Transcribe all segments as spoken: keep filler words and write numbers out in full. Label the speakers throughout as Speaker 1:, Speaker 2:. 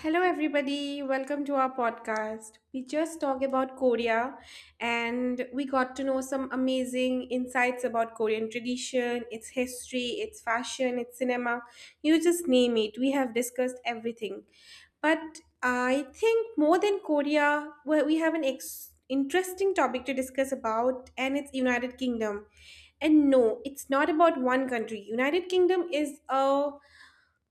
Speaker 1: Hello, everybody. Welcome to our podcast. We just talked about Korea and we got to know some amazing insights about Korean tradition, its history, its fashion, its cinema. You just name it. We have discussed everything. But I think more than Korea, well, we have an ex- interesting topic to discuss about, and it's United Kingdom. And no, it's not about one country. United Kingdom is a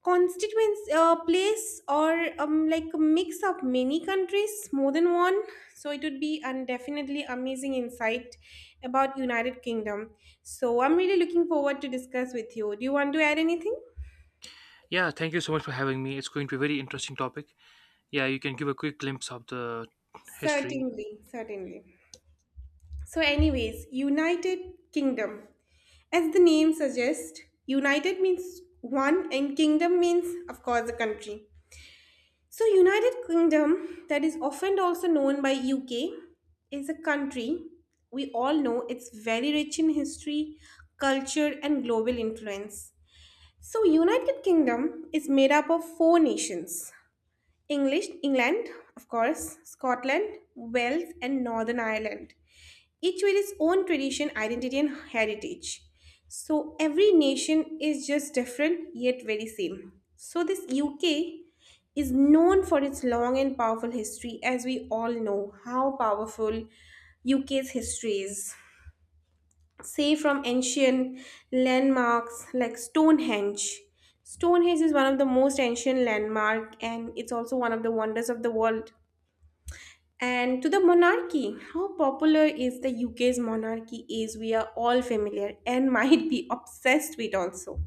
Speaker 1: constituents uh, place or um, like a mix of many countries, more than one, so it would be an definitely amazing insight about United Kingdom. So I'm really looking forward to discuss with you. Do you want to add anything?
Speaker 2: Yeah, thank you so much for having me. It's going to be a very interesting topic. Yeah, you can give a quick glimpse of the history.
Speaker 1: Certainly certainly so anyways, United Kingdom, as the name suggests, united means one and kingdom means, of course, a country. So United Kingdom, that is often also known by U K, is a country. We all know it's very rich in history, culture, and global influence. So United Kingdom is made up of four nations: English, England, of course, Scotland, Wales, and Northern Ireland, each with its own tradition, identity, and heritage. So every nation is just different yet very same. So this U K is known for its long and powerful history, as we all know how powerful U K's history is. Say, from ancient landmarks like Stonehenge. Stonehenge is one of the most ancient landmark and it's also one of the wonders of the world, and to the monarchy. How popular is the U K's monarchy is, we are all familiar and might be obsessed with also.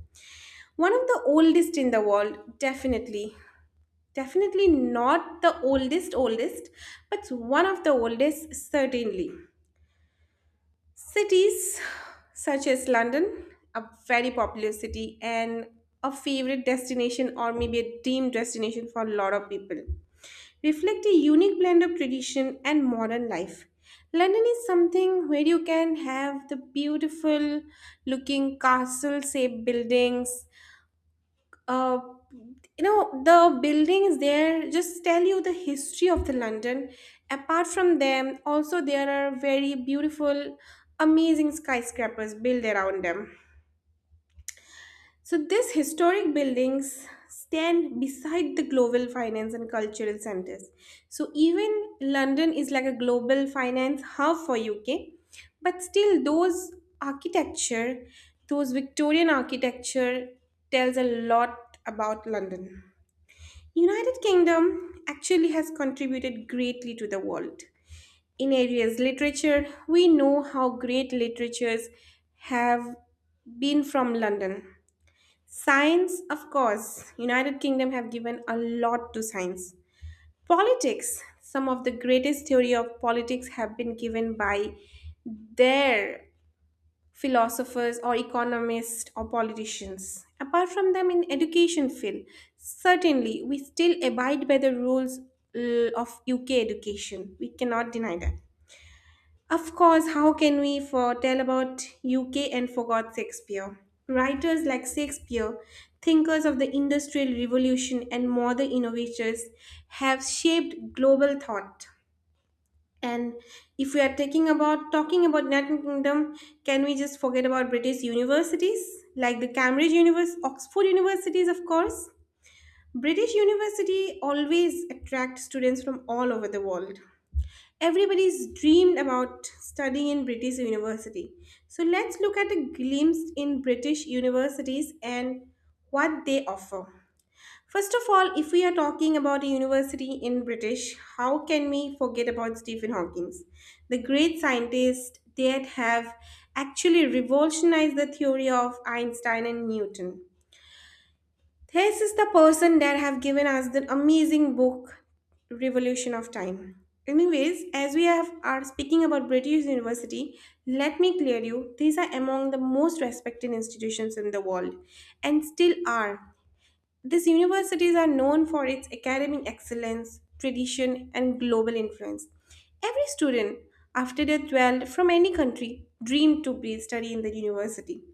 Speaker 1: One of the oldest in the world, definitely. Definitely not the oldest oldest, but one of the oldest certainly. Cities such as London, a very popular city and a favorite destination or maybe a dream destination for a lot of people, reflect a unique blend of tradition and modern life. London is something where you can have the beautiful looking castle shaped buildings, uh, you know the buildings there just tell you the history of the London. Apart from them, also there are very beautiful amazing skyscrapers built around them. So these historic buildings stand beside the global finance and cultural centers. So even London is like a global finance hub for UK, but still those architecture, those Victorian architecture, tells a lot about London. United Kingdom actually has contributed greatly to the world. In areas literature, we know how great literatures have been from London. Science, of course, United Kingdom have given a lot to science. Politics, some of the greatest theory of politics have been given by their philosophers or economists or politicians. Apart from them, in education field certainly we still abide by the rules uh, of UK education. We cannot deny that. Of course, how can we foretell about UK and forgot Shakespeare? Writers like Shakespeare, thinkers of the Industrial Revolution and modern innovators have shaped global thought. And if we are taking about talking about United Kingdom, can we just forget about British universities like the Cambridge University, Oxford universities, of course? British university always attract students from all over the world. Everybody's dreamed about studying in British university. So let's look at a glimpse in British universities and what they offer. First of all, if we are talking about a university in British, how can we forget about Stephen Hawking, the great scientist that have actually revolutionized the theory of Einstein and Newton. This is the person that have given us the amazing book Revolution of Time. Anyways, as we have are speaking about British University, let me clear you, these are among the most respected institutions in the world and still are. These universities are known for its academic excellence, tradition, and global influence. Every student, after their twelfth from any country, dreamed to be study in the university.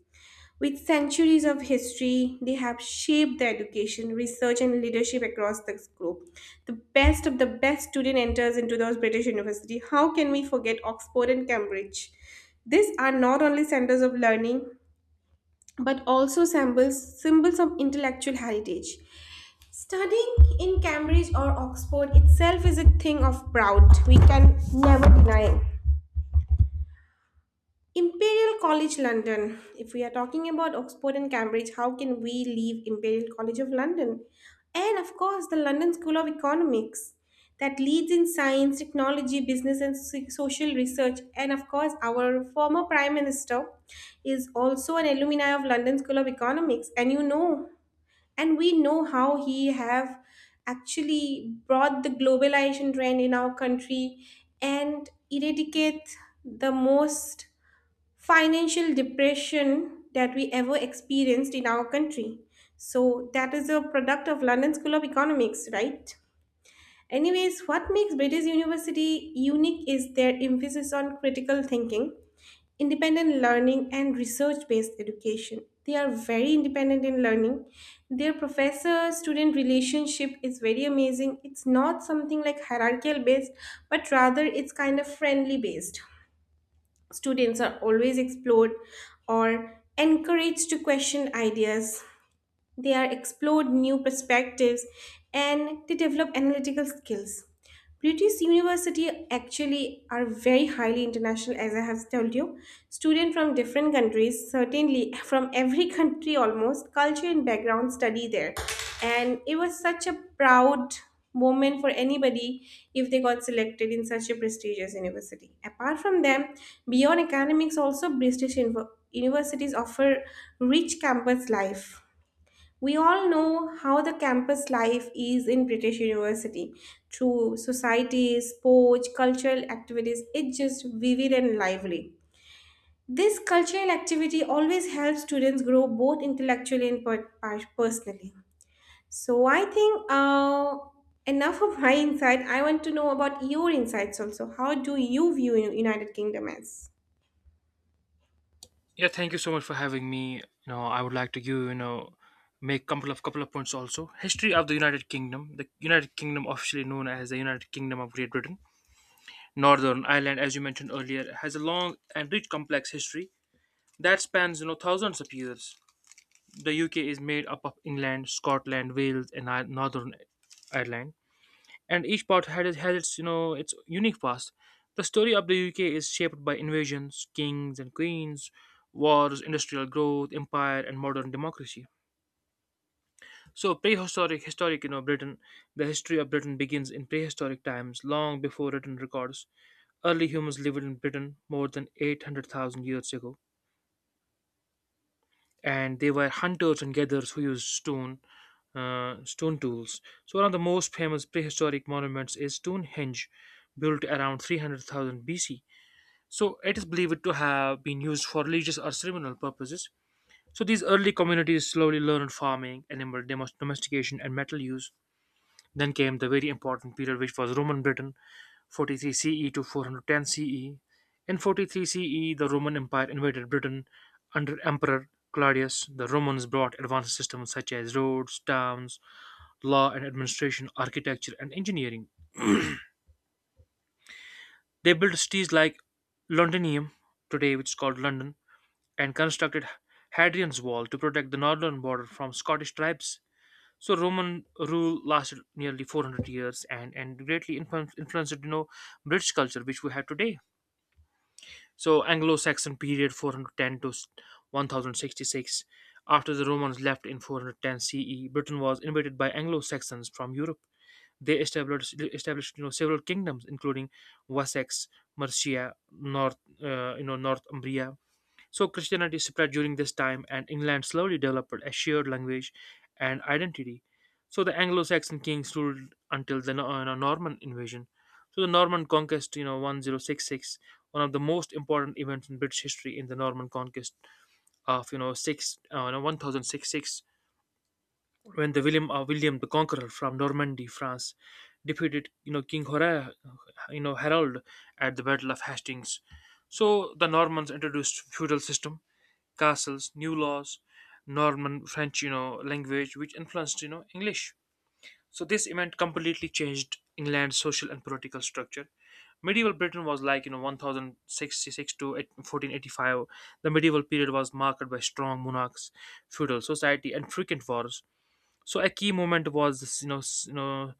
Speaker 1: With centuries of history, they have shaped the education, research, and leadership across the globe. The best of the best student enters into those British university. How can we forget Oxford and Cambridge? These are not only centers of learning, but also symbols, symbols of intellectual heritage. Studying in Cambridge or Oxford itself is a thing of proud. We can never deny it. Imperial College London. If we are talking about Oxford and Cambridge, how can we leave Imperial College of London? And of course, the London School of Economics that leads in science, technology, business, and so- social research. And of course, our former Prime Minister is also an alumni of London School of Economics. And you know and we know how he have actually brought the globalization trend in our country and eradicate the most financial depression that we ever experienced in our country. So that is a product of London School of Economics, right? Anyways, what makes British university unique is their emphasis on critical thinking, independent learning, and research based education. They are very independent in learning. Their professor student relationship is very amazing. It's not something like hierarchical based, but rather it's kind of friendly based. Students are always explored or encouraged to question ideas. They are explored new perspectives, and they develop analytical skills. British university actually are very highly international. As I have told you, students from different countries certainly from every country, almost culture and background, study there. And it was such a proud moment for anybody if they got selected in such a prestigious university. Apart from them, beyond academics also, British invo- universities offer rich campus life. We all know how the campus life is in British University, through societies, sports, cultural activities. It's just vivid and lively. This cultural activity always helps students grow both intellectually and per- per- personally. So I think uh, enough of my insight. I want to know about your insights also. How do you view United Kingdom as?
Speaker 2: Yeah, thank you so much for having me. You know, I would like to give you know make couple of couple of points also. History of the United Kingdom. The United Kingdom, officially known as the United Kingdom of Great Britain, Northern Ireland, as you mentioned earlier, has a long and rich, complex history that spans you know thousands of years. The U K is made up of England, Scotland, Wales, and I- Northern Ireland. And each part had has its you know its unique past. The story of the U K is shaped by invasions, kings and queens, wars, industrial growth, empire, and modern democracy. So prehistoric, historic, you know, Britain. The history of Britain begins in prehistoric times, long before written records. Early humans lived in Britain more than eight hundred thousand years ago, and they were hunters and gatherers who used stone uh, stone tools. So one of the most famous prehistoric monuments is Stonehenge, built around three hundred thousand B C. So it is believed to have been used for religious or ceremonial purposes. So these early communities slowly learned farming, animal domestication, and metal use. Then came the very important period, which was Roman Britain, forty-three C E to four hundred ten C E. In forty-three C E, the Roman Empire invaded Britain under Emperor Claudius. The Romans brought advanced systems such as roads, towns, law and administration, architecture, and engineering. They built cities like Londinium, today which is called London, and constructed Hadrian's Wall to protect the northern border from Scottish tribes. So Roman rule lasted nearly four hundred years and, and greatly influ- influenced you know British culture which we have today. So Anglo-Saxon period, four hundred ten to ten sixty-six. After the Romans left in four ten C E, Britain was invaded by Anglo-Saxons from Europe. They established established you know several kingdoms including Wessex, Mercia, North uh, you know Northumbria. So Christianity spread during this time, and England slowly developed a shared language and identity. So the Anglo-Saxon kings ruled until the Nor- uh, Norman invasion. So the Norman conquest, you know, ten sixty-six, one of the most important events in British history. In the Norman conquest of you know six, uh, no, ten sixty-six, when the William uh, William the Conqueror from Normandy, France, defeated you know King Hora, you know Harold at the Battle of Hastings. So the Normans introduced feudal system, castles, new laws, Norman French, you know, language, which influenced, you know, English. So this event completely changed England's social and political structure. Medieval Britain was like, you know, ten sixty-six to fourteen eighty-five. The medieval period was marked by strong monarchs, feudal society, and frequent wars. So a key moment was this, you know, s- you know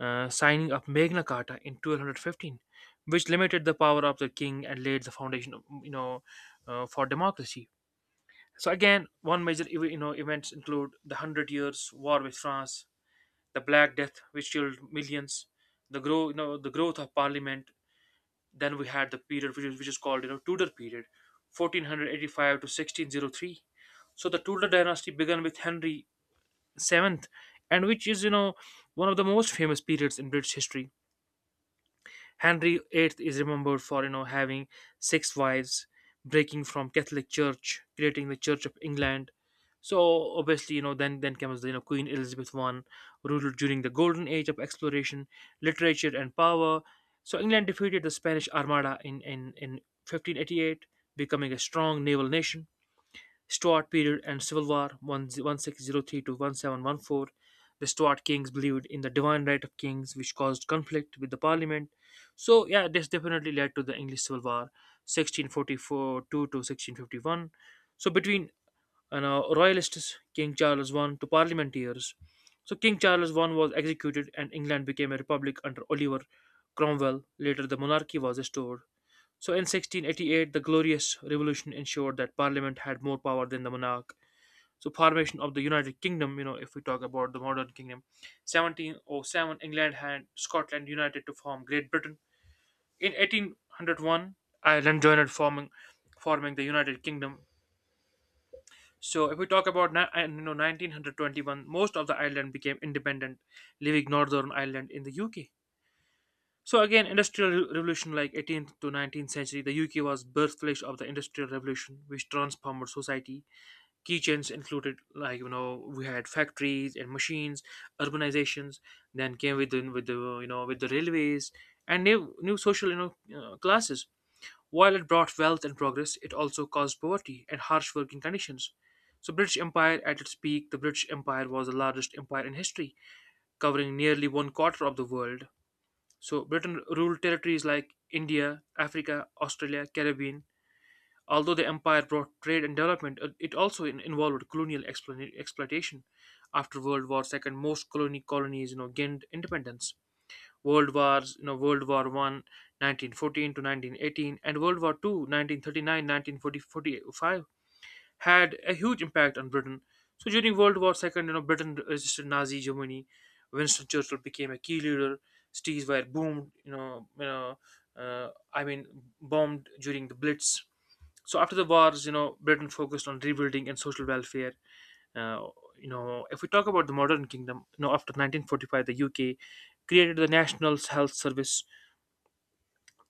Speaker 2: uh, signing of Magna Carta in twelve fifteen, which limited the power of the king and laid the foundation of, you know, uh, for democracy. So again, one major ev- you know events include the Hundred Years' War with France, the Black Death, which killed millions, the grow you know the growth of Parliament. Then we had the period which is, which is called you know Tudor period, fourteen eighty-five to sixteen oh three. So the Tudor dynasty began with Henry the Seventh, and which is you know one of the most famous periods in British history. Henry the Eighth is remembered for you know having six wives, breaking from Catholic Church, creating the Church of England. So obviously, you know, then then comes you know Queen Elizabeth the First, ruled during the golden age of exploration, literature, and power. So England defeated the Spanish Armada in in in fifteen eighty-eight, becoming a strong naval nation. Stuart period and civil war, sixteen oh three to seventeen fourteen. The Stuart kings believed in the divine right of kings, which caused conflict with the parliament. So, yeah, this definitely led to the English Civil War, sixteen forty-four four two to sixteen fifty-one. So, between you know, royalists, King Charles the First, to parliamentarians. So, King Charles the First was executed, and England became a republic under Oliver Cromwell. Later, the monarchy was restored. So in sixteen eighty-eight, the Glorious Revolution ensured that Parliament had more power than the monarch. So formation of the United Kingdom, you know, if we talk about the modern kingdom, seventeen oh seven England and Scotland united to form Great Britain. In eighteen oh one, Ireland joined, forming forming the United Kingdom. So if we talk about ni- and, you know nineteen twenty-one, most of the island became independent, leaving Northern Ireland in the U K. So again, industrial re- revolution, like eighteenth to nineteenth century, the U K was birthplace of the industrial revolution, which transformed society. Key changes included, like you know, we had factories and machines, urbanizations. Then came with the, with the you know with the railways and new new social you know uh, classes. While it brought wealth and progress, it also caused poverty and harsh working conditions. So British Empire at its peak, the British Empire was the largest empire in history, covering nearly one quarter of the world. So Britain ruled territories like India, Africa, Australia, Caribbean. Although the empire brought trade and development, it it also in- involved colonial explo- exploitation. After World War Two, most colony colonies, you know, gained independence. World Wars, you know, World War One, nineteen fourteen to nineteen eighteen, and World War Two, nineteen thirty-nine, nineteen forty-five, had a huge impact on Britain. So during World War Second, you know, Britain resisted Nazi Germany. Winston Churchill became a key leader. Cities were boomed, you know, you know, uh, I mean, bombed during the Blitz. So after the wars, you know, Britain focused on rebuilding and social welfare. Uh, you know, if we talk about the modern kingdom, you know, after nineteen forty-five, the U K created the National Health Service,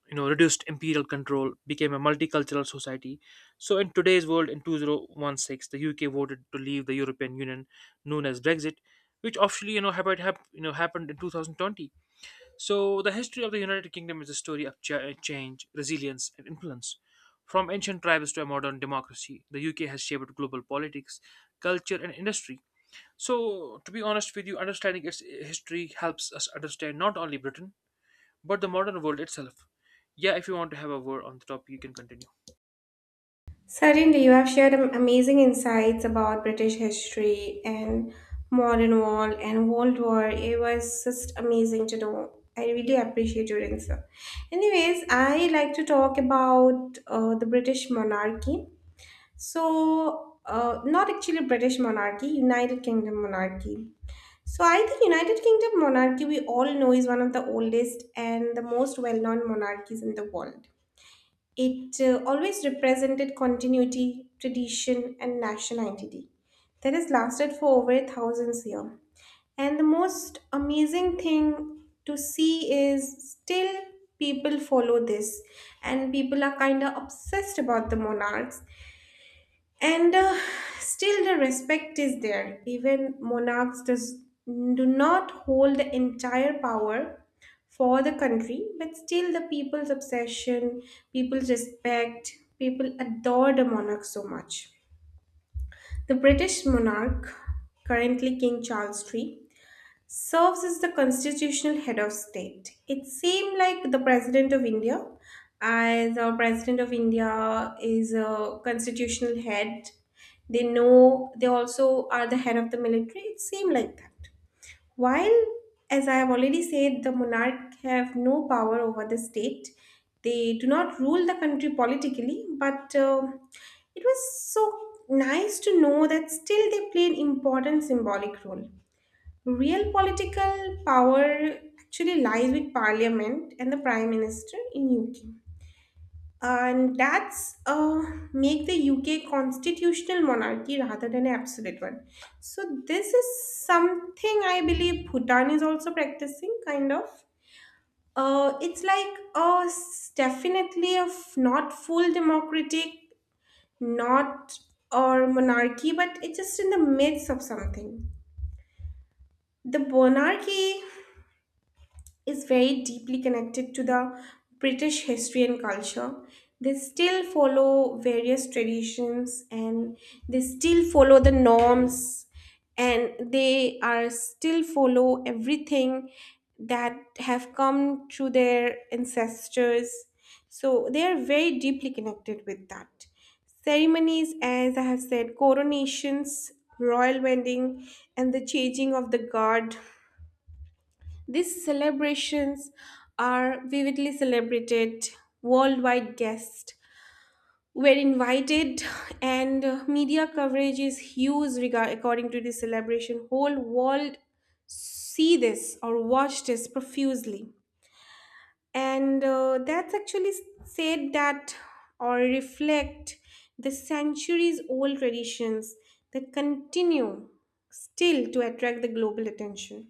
Speaker 2: you know reduced imperial control, became a multicultural society. So in today's world, in twenty sixteen, the UK voted to leave the European Union, known as Brexit, which officially you know happened hap- you know happened in two thousand twenty. So the history of the United Kingdom is a story of cha- change, resilience, and influence. From ancient tribes to a modern democracy, the UK has shaped global politics, culture, and industry. So to be honest with you, understanding its history helps us understand not only Britain, but the modern world itself. Yeah, if you want to have a word on the topic, you can continue.
Speaker 1: Certainly, you have shared am- amazing insights about British history and modern war and World War. It was just amazing to know. I really appreciate your answer. Anyways, I like to talk about uh, the British monarchy. So, uh, not actually British monarchy, United Kingdom monarchy. So I think United Kingdom monarchy, we all know, is one of the oldest and the most well-known monarchies in the world. It uh, always represented continuity, tradition, and national identity that has lasted for over thousands years. And the most amazing thing to see is still people follow this, and people are kind of obsessed about the monarchs. And uh, still, the respect is there. Even monarchs does, do not hold the entire power for the country, but still, the people's obsession, people's respect, people adore the monarch so much. The British monarch, currently King Charles three, serves as the constitutional head of state. It seemed like the president of India, as our president of India is a constitutional head. They know they also are the head of the military. It seemed like that. While, as I have already said, the monarch have no power over the state. They do not rule the country politically, but um it was so nice to know that still they play an important symbolic role. Real political power actually lies with Parliament and the Prime Minister in U K. And that's uh, make the U K constitutional monarchy rather than an absolute one. So this is something I believe Bhutan is also practicing, kind of. Uh, it's like uh, s- definitely a f- not full democratic, not or monarchy, but it's just in the midst of something. The monarchy is very deeply connected to the British history and culture. They still follow various traditions, and they still follow the norms, and they are still follow everything that have come through their ancestors. So they are very deeply connected with that. Ceremonies, as I have said, coronations, royal wedding, and the changing of the guard, these celebrations are vividly celebrated. Worldwide guests were invited, and uh, media coverage is huge regard- according to this celebration. Whole world see this or watch this profusely. And uh, that's actually said that or reflect the centuries old traditions that continue still to attract the global attention.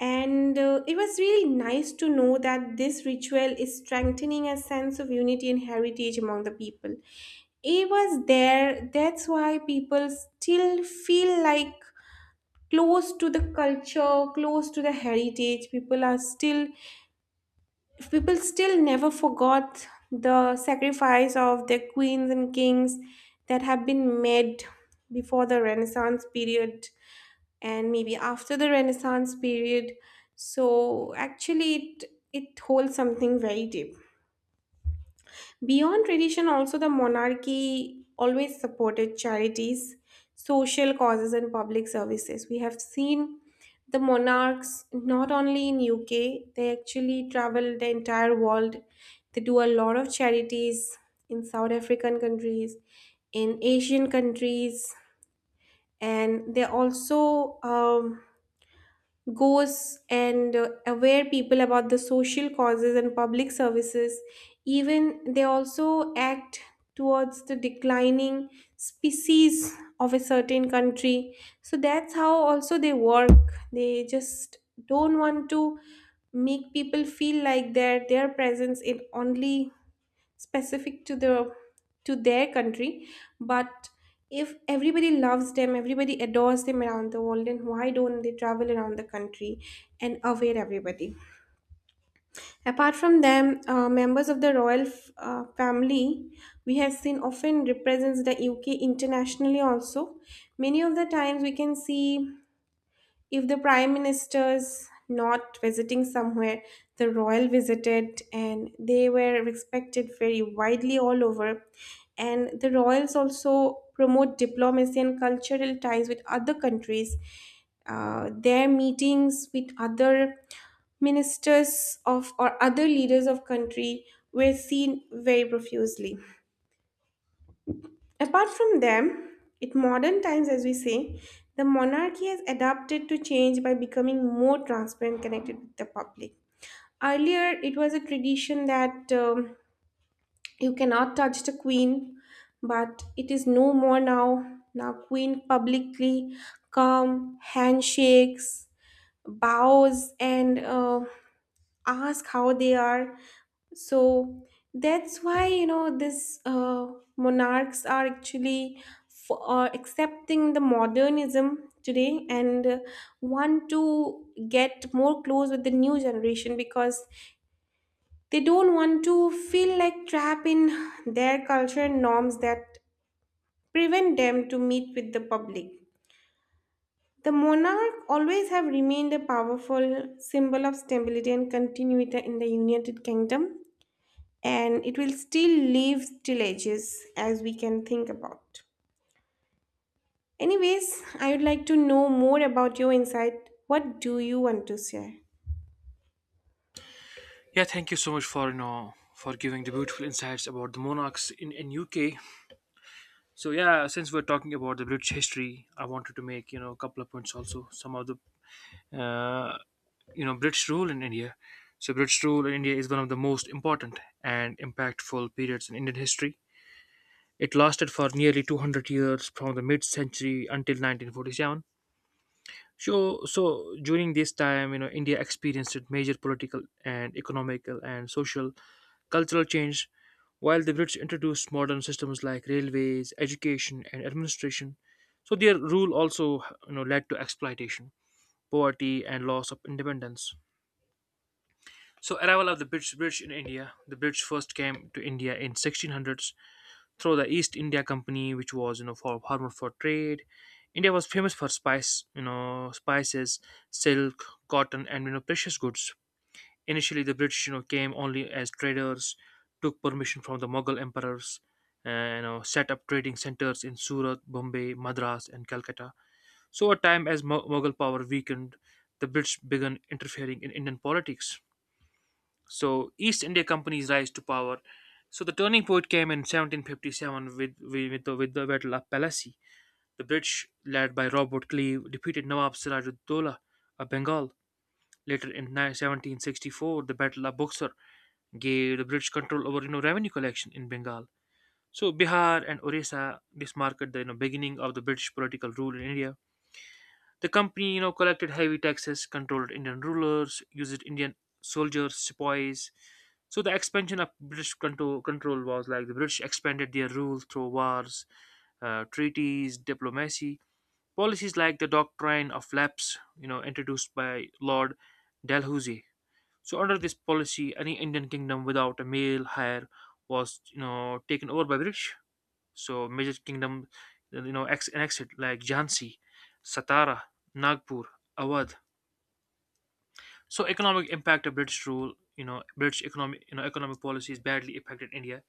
Speaker 1: And uh, it was really nice to know that this ritual is strengthening a sense of unity and heritage among the people. It was there, that's why people still feel like close to the culture, close to the heritage. People are still, people still never forgot the sacrifice of their queens and kings that have been made before the Renaissance period, and maybe after the Renaissance period. So actually it it holds something very deep beyond tradition. Also, the monarchy always supported charities, social causes, and public services. We have seen the monarchs not only in UK, they actually travel the entire world. They do a lot of charities in South African countries, in Asian countries, and they also um, goes and uh, aware people about the social causes and public services. Even they also act towards the declining species of a certain country. So that's how also they work. They just don't want to make people feel like that their presence in only specific to the to their country. But if everybody loves them, everybody adores them around the world, then why don't they travel around the country and aware everybody? Apart from them, uh, members of the royal f- uh, family we have seen often represents the UK internationally also. Many of the times we can see, if the prime minister's not visiting somewhere, the royal visited, and they were respected very widely all over. And the royals also promote diplomacy and cultural ties with other countries. Uh, their meetings with other ministers of or other leaders of country were seen very profusely. Apart from them, in modern times, as we say, the monarchy has adapted to change by becoming more transparent, connected with the public. Earlier, it was a tradition that um, you cannot touch the queen, but it is no more now. Now, queen publicly come handshakes, bows, and uh, ask how they are. So that's why, you know, this uh, monarchs are actually f- uh, accepting the modernism today, and uh, want to get more close with the new generation, because they don't want to feel like trapped in their culture and norms that prevent them to meet with the public. The monarch always have remained a powerful symbol of stability and continuity in the United Kingdom, and it will still leave stillages as we can think about. Anyways, I would like to know more about your insight. What do you want to share?
Speaker 2: Yeah, thank you so much for you know for giving the beautiful insights about the monarchs in in U K. So yeah, since we're talking about the British history, I wanted to make you know a couple of points also. Some of the uh, you know British rule in India. So British rule in India is one of the most important and impactful periods in Indian history. It lasted for nearly two hundred years, from the mid-century until nineteen forty-seven. So, so during this time, you know, India experienced major political and economical and social cultural change, while the Brits introduced modern systems like railways, education, and administration. So their rule also, you know, led to exploitation, poverty, and loss of independence. So arrival of the British, British in India. The British first came to India in sixteen hundreds through the East India Company, which was you know for hormone for trade. India was famous for spice, you know, spices, silk, cotton, and you know precious goods. Initially, the British you know came only as traders, took permission from the Mughal emperors, and you know set up trading centers in Surat, Bombay, Madras, and Calcutta. So, over time, as Mu- Mughal power weakened, the British began interfering in Indian politics. So East India Company's rise to power. So the turning point came in seventeen fifty-seven with with the, with the Battle of Plassey. The British, led by Robert Clive, defeated Nawab Sirajuddaulah of Bengal. Later in ni- seventeen sixty-four, the Battle of Buxar gave the British control over you know, revenue collection in Bengal. So Bihar and Orissa, this marked the you know, beginning of the British political rule in India. The company, you know, collected heavy taxes, controlled Indian rulers, used Indian soldiers, sepoys. So the expansion of British control, control was like the British expanded their rule through wars, uh, treaties, diplomacy. Policies like the doctrine of lapse, you know, introduced by Lord Dalhousie. So under this policy, any Indian kingdom without a male heir was, you know, taken over by British. So major kingdom, you know, ex- and exit like Jhansi, Satara, Nagpur, Awadh. So economic impact of British rule, you know, British economic, you know, economic policies badly affected India.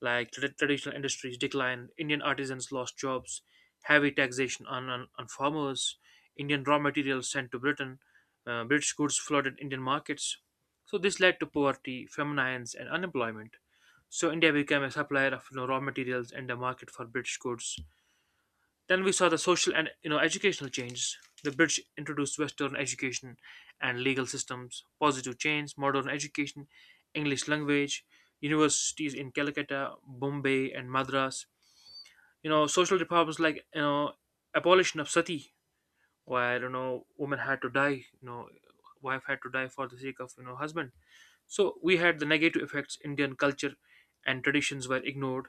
Speaker 2: Like tra- traditional industries declined, Indian artisans lost jobs, heavy taxation on on, on farmers, Indian raw materials sent to Britain, uh, British goods flooded Indian markets. So this led to poverty, famines, and unemployment. So India became a supplier of you know, raw materials and a market for British goods. Then we saw the social and you know educational changes. The British introduced Western education and legal systems, positive change, modern education, English language, universities in Calcutta, Bombay, and Madras. You know, social reforms like you know abolition of sati, where you know women had to die, you know, wife had to die for the sake of you know husband. So we had the negative effects. Indian culture and traditions were ignored.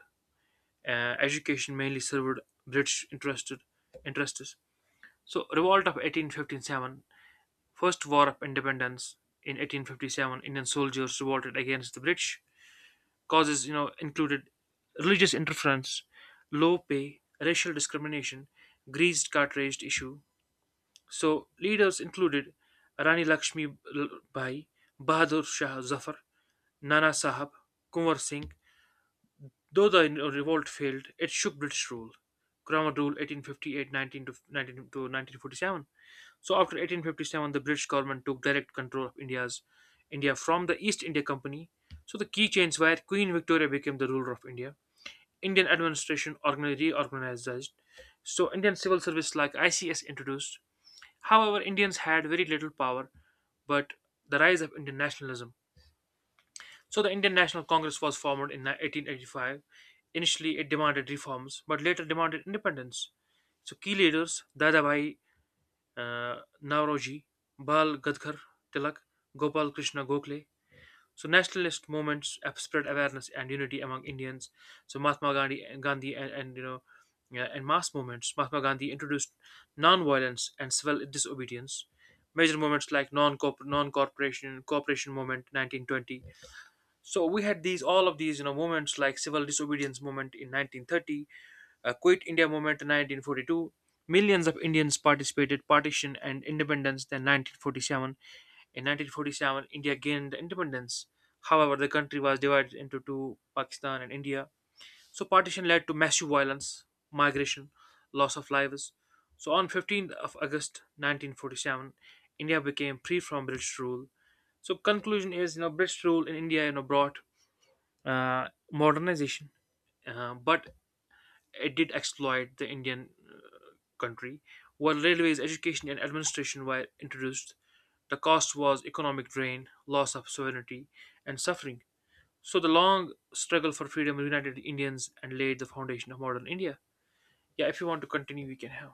Speaker 2: Uh, education mainly served British interested interests. So, revolt of eighteen fifty-seven, first war of independence, in eighteen fifty-seven, Indian soldiers revolted against the British. Causes, you know, included religious interference, low pay, racial discrimination, greased cartridge issue. So, leaders included Rani Lakshmi Bai, Bahadur Shah Zafar, Nana Sahab, Kunwar Singh. Though the revolt failed, it shook British rule. Cromwell rule eighteen fifty-eight-nineteen to nineteen to nineteen forty-seven. So after eighteen fifty-seven, the British government took direct control of India's India from the East India Company. So the key change where Queen Victoria became the ruler of India. Indian administration organ- reorganized. So Indian civil service like I C S introduced. However, Indians had very little power, but the rise of Indian nationalism. So the Indian National Congress was formed in eighteen eighty-five. Initially, it demanded reforms, but later demanded independence. So key leaders Dadabhai uh, Nauroji, Bal Gadkar Tilak, Gopal Krishna Gokhale. So nationalist movements spread awareness and unity among Indians. So Mahatma Gandhi, and Gandhi and, and you know, yeah, and mass movements. Mahatma Gandhi introduced non-violence and civil disobedience. Major movements like non non-corporation cooperation movement nineteen twenty. So we had these all of these you know movements like civil disobedience movement in nineteen thirty, uh, Quit India Movement in nineteen forty-two. Millions of Indians participated partition and independence then nineteen forty-seven. In nineteen forty-seven, India gained independence. However, the country was divided into two, Pakistan and India. So partition led to massive violence, migration, loss of lives. So on fifteenth of August nineteen forty-seven, India became free from British rule. So conclusion is, you know, British rule in India, you know, brought uh, modernization, uh, but it did exploit the Indian country. While railways, education, and administration were introduced, the cost was economic drain, loss of sovereignty, and suffering. So the long struggle for freedom united Indians and laid the foundation of modern India. Yeah, if you want to continue, we can have.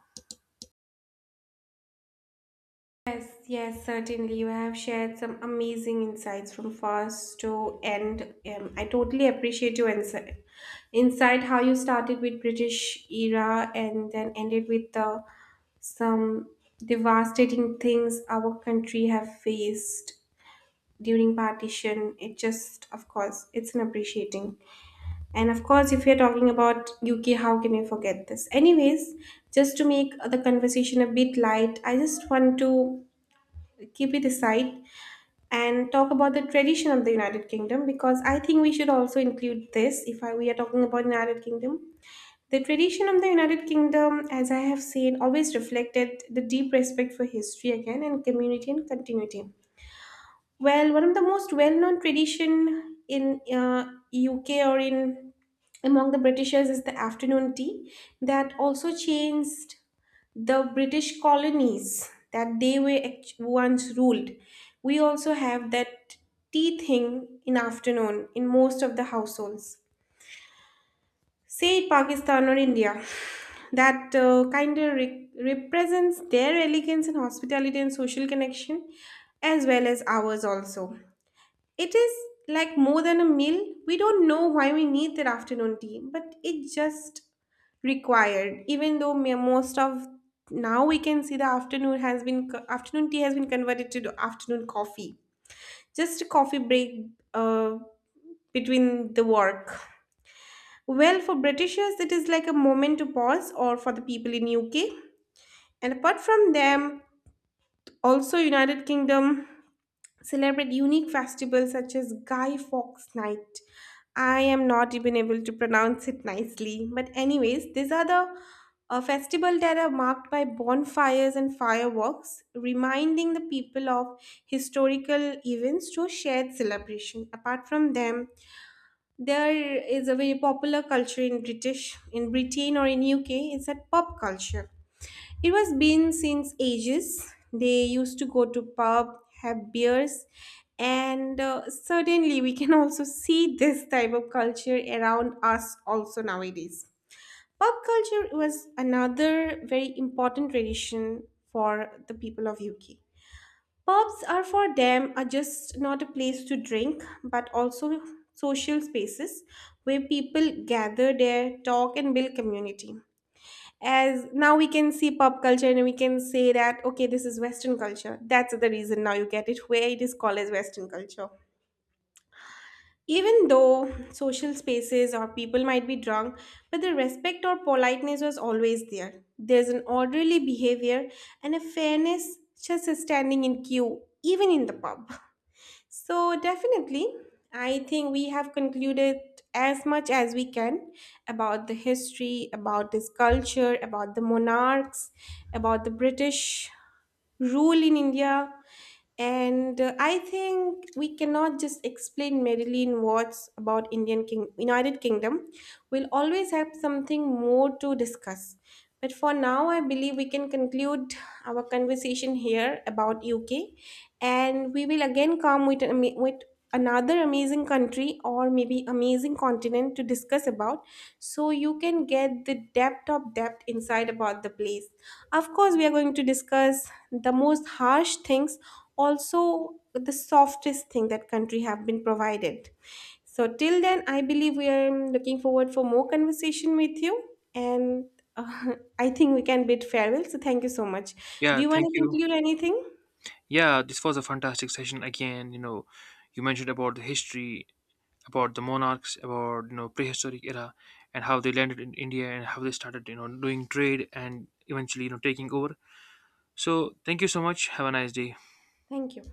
Speaker 1: Yes, yes, certainly. You have shared some amazing insights from first to end. Um, I totally appreciate your insight. Insight how you started with British era and then ended with the some devastating things our country have faced during partition. It just, of course, it's an appreciating. And of course, if we are talking about UK, how can we forget this? Anyways, just to make the conversation a bit light, I just want to keep it aside and talk about the tradition of the United Kingdom, because I think we should also include this if I, we are talking about United Kingdom. The tradition of the United Kingdom, as I have said, always reflected the deep respect for history again, and community and continuity. Well, one of the most well-known tradition in uh, U K or in among the Britishers is the afternoon tea, that also changed the British colonies that they were act- once ruled. We also have that tea thing in afternoon in most of the households. Say Pakistan or India, that uh, kind of re- represents their elegance and hospitality and social connection, as well as ours also. It is like more than a meal. We don't know why we need that afternoon tea, but it just required. Even though me- most of now we can see the afternoon has been co- afternoon tea has been converted to the afternoon coffee. Just a coffee break uh, between the work. Well, for Britishers, it is like a moment to pause, or for the people in U K. And apart from them, also United Kingdom celebrate unique festivals such as Guy Fawkes Night. I am not even able to pronounce it nicely, but anyways, these are the uh, festival that are marked by bonfires and fireworks, reminding the people of historical events through shared celebration. Apart from them, there is a very popular culture in British, in Britain or in U K. It's that pop culture, it was been since ages. They used to go to pub, have beers, and uh, certainly we can also see this type of culture around us also nowadays. Pub culture was another very important tradition for the people of U K. Pubs are for them are just not a place to drink, but also social spaces where people gather there, talk, and build community. As now we can see pop culture, and we can say that okay, this is western culture, that's the reason now you get it where it is called as western culture. Even though social spaces or people might be drunk, but the respect or politeness was always there, there's an orderly behavior and a fairness, just standing in queue even in the pub. So, definitely, I think we have concluded as much as we can about the history, about this culture, about the monarchs, about the British rule in India. And uh, I think we cannot just explain merely in words about Indian King United Kingdom. We'll always have something more to discuss. But for now, I believe we can conclude our conversation here about U K, and we will again come with, an ama- with another amazing country, or maybe amazing continent, to discuss about, so you can get the depth of depth inside about the place. Of course, we are going to discuss the most harsh things, also the softest thing that country have been provided. So till then, I believe we are looking forward for more conversation with you. And uh, I think we can bid farewell, so thank you so much. Do
Speaker 2: Yeah,
Speaker 1: you want
Speaker 2: thank
Speaker 1: to
Speaker 2: you.
Speaker 1: conclude anything?
Speaker 2: Yeah, this was a fantastic session again. You know, you mentioned about the history, about the monarchs, about you know prehistoric era, and how they landed in India and how they started you know doing trade and eventually you know taking over. So thank you so much. Have a nice day.
Speaker 1: Thank you.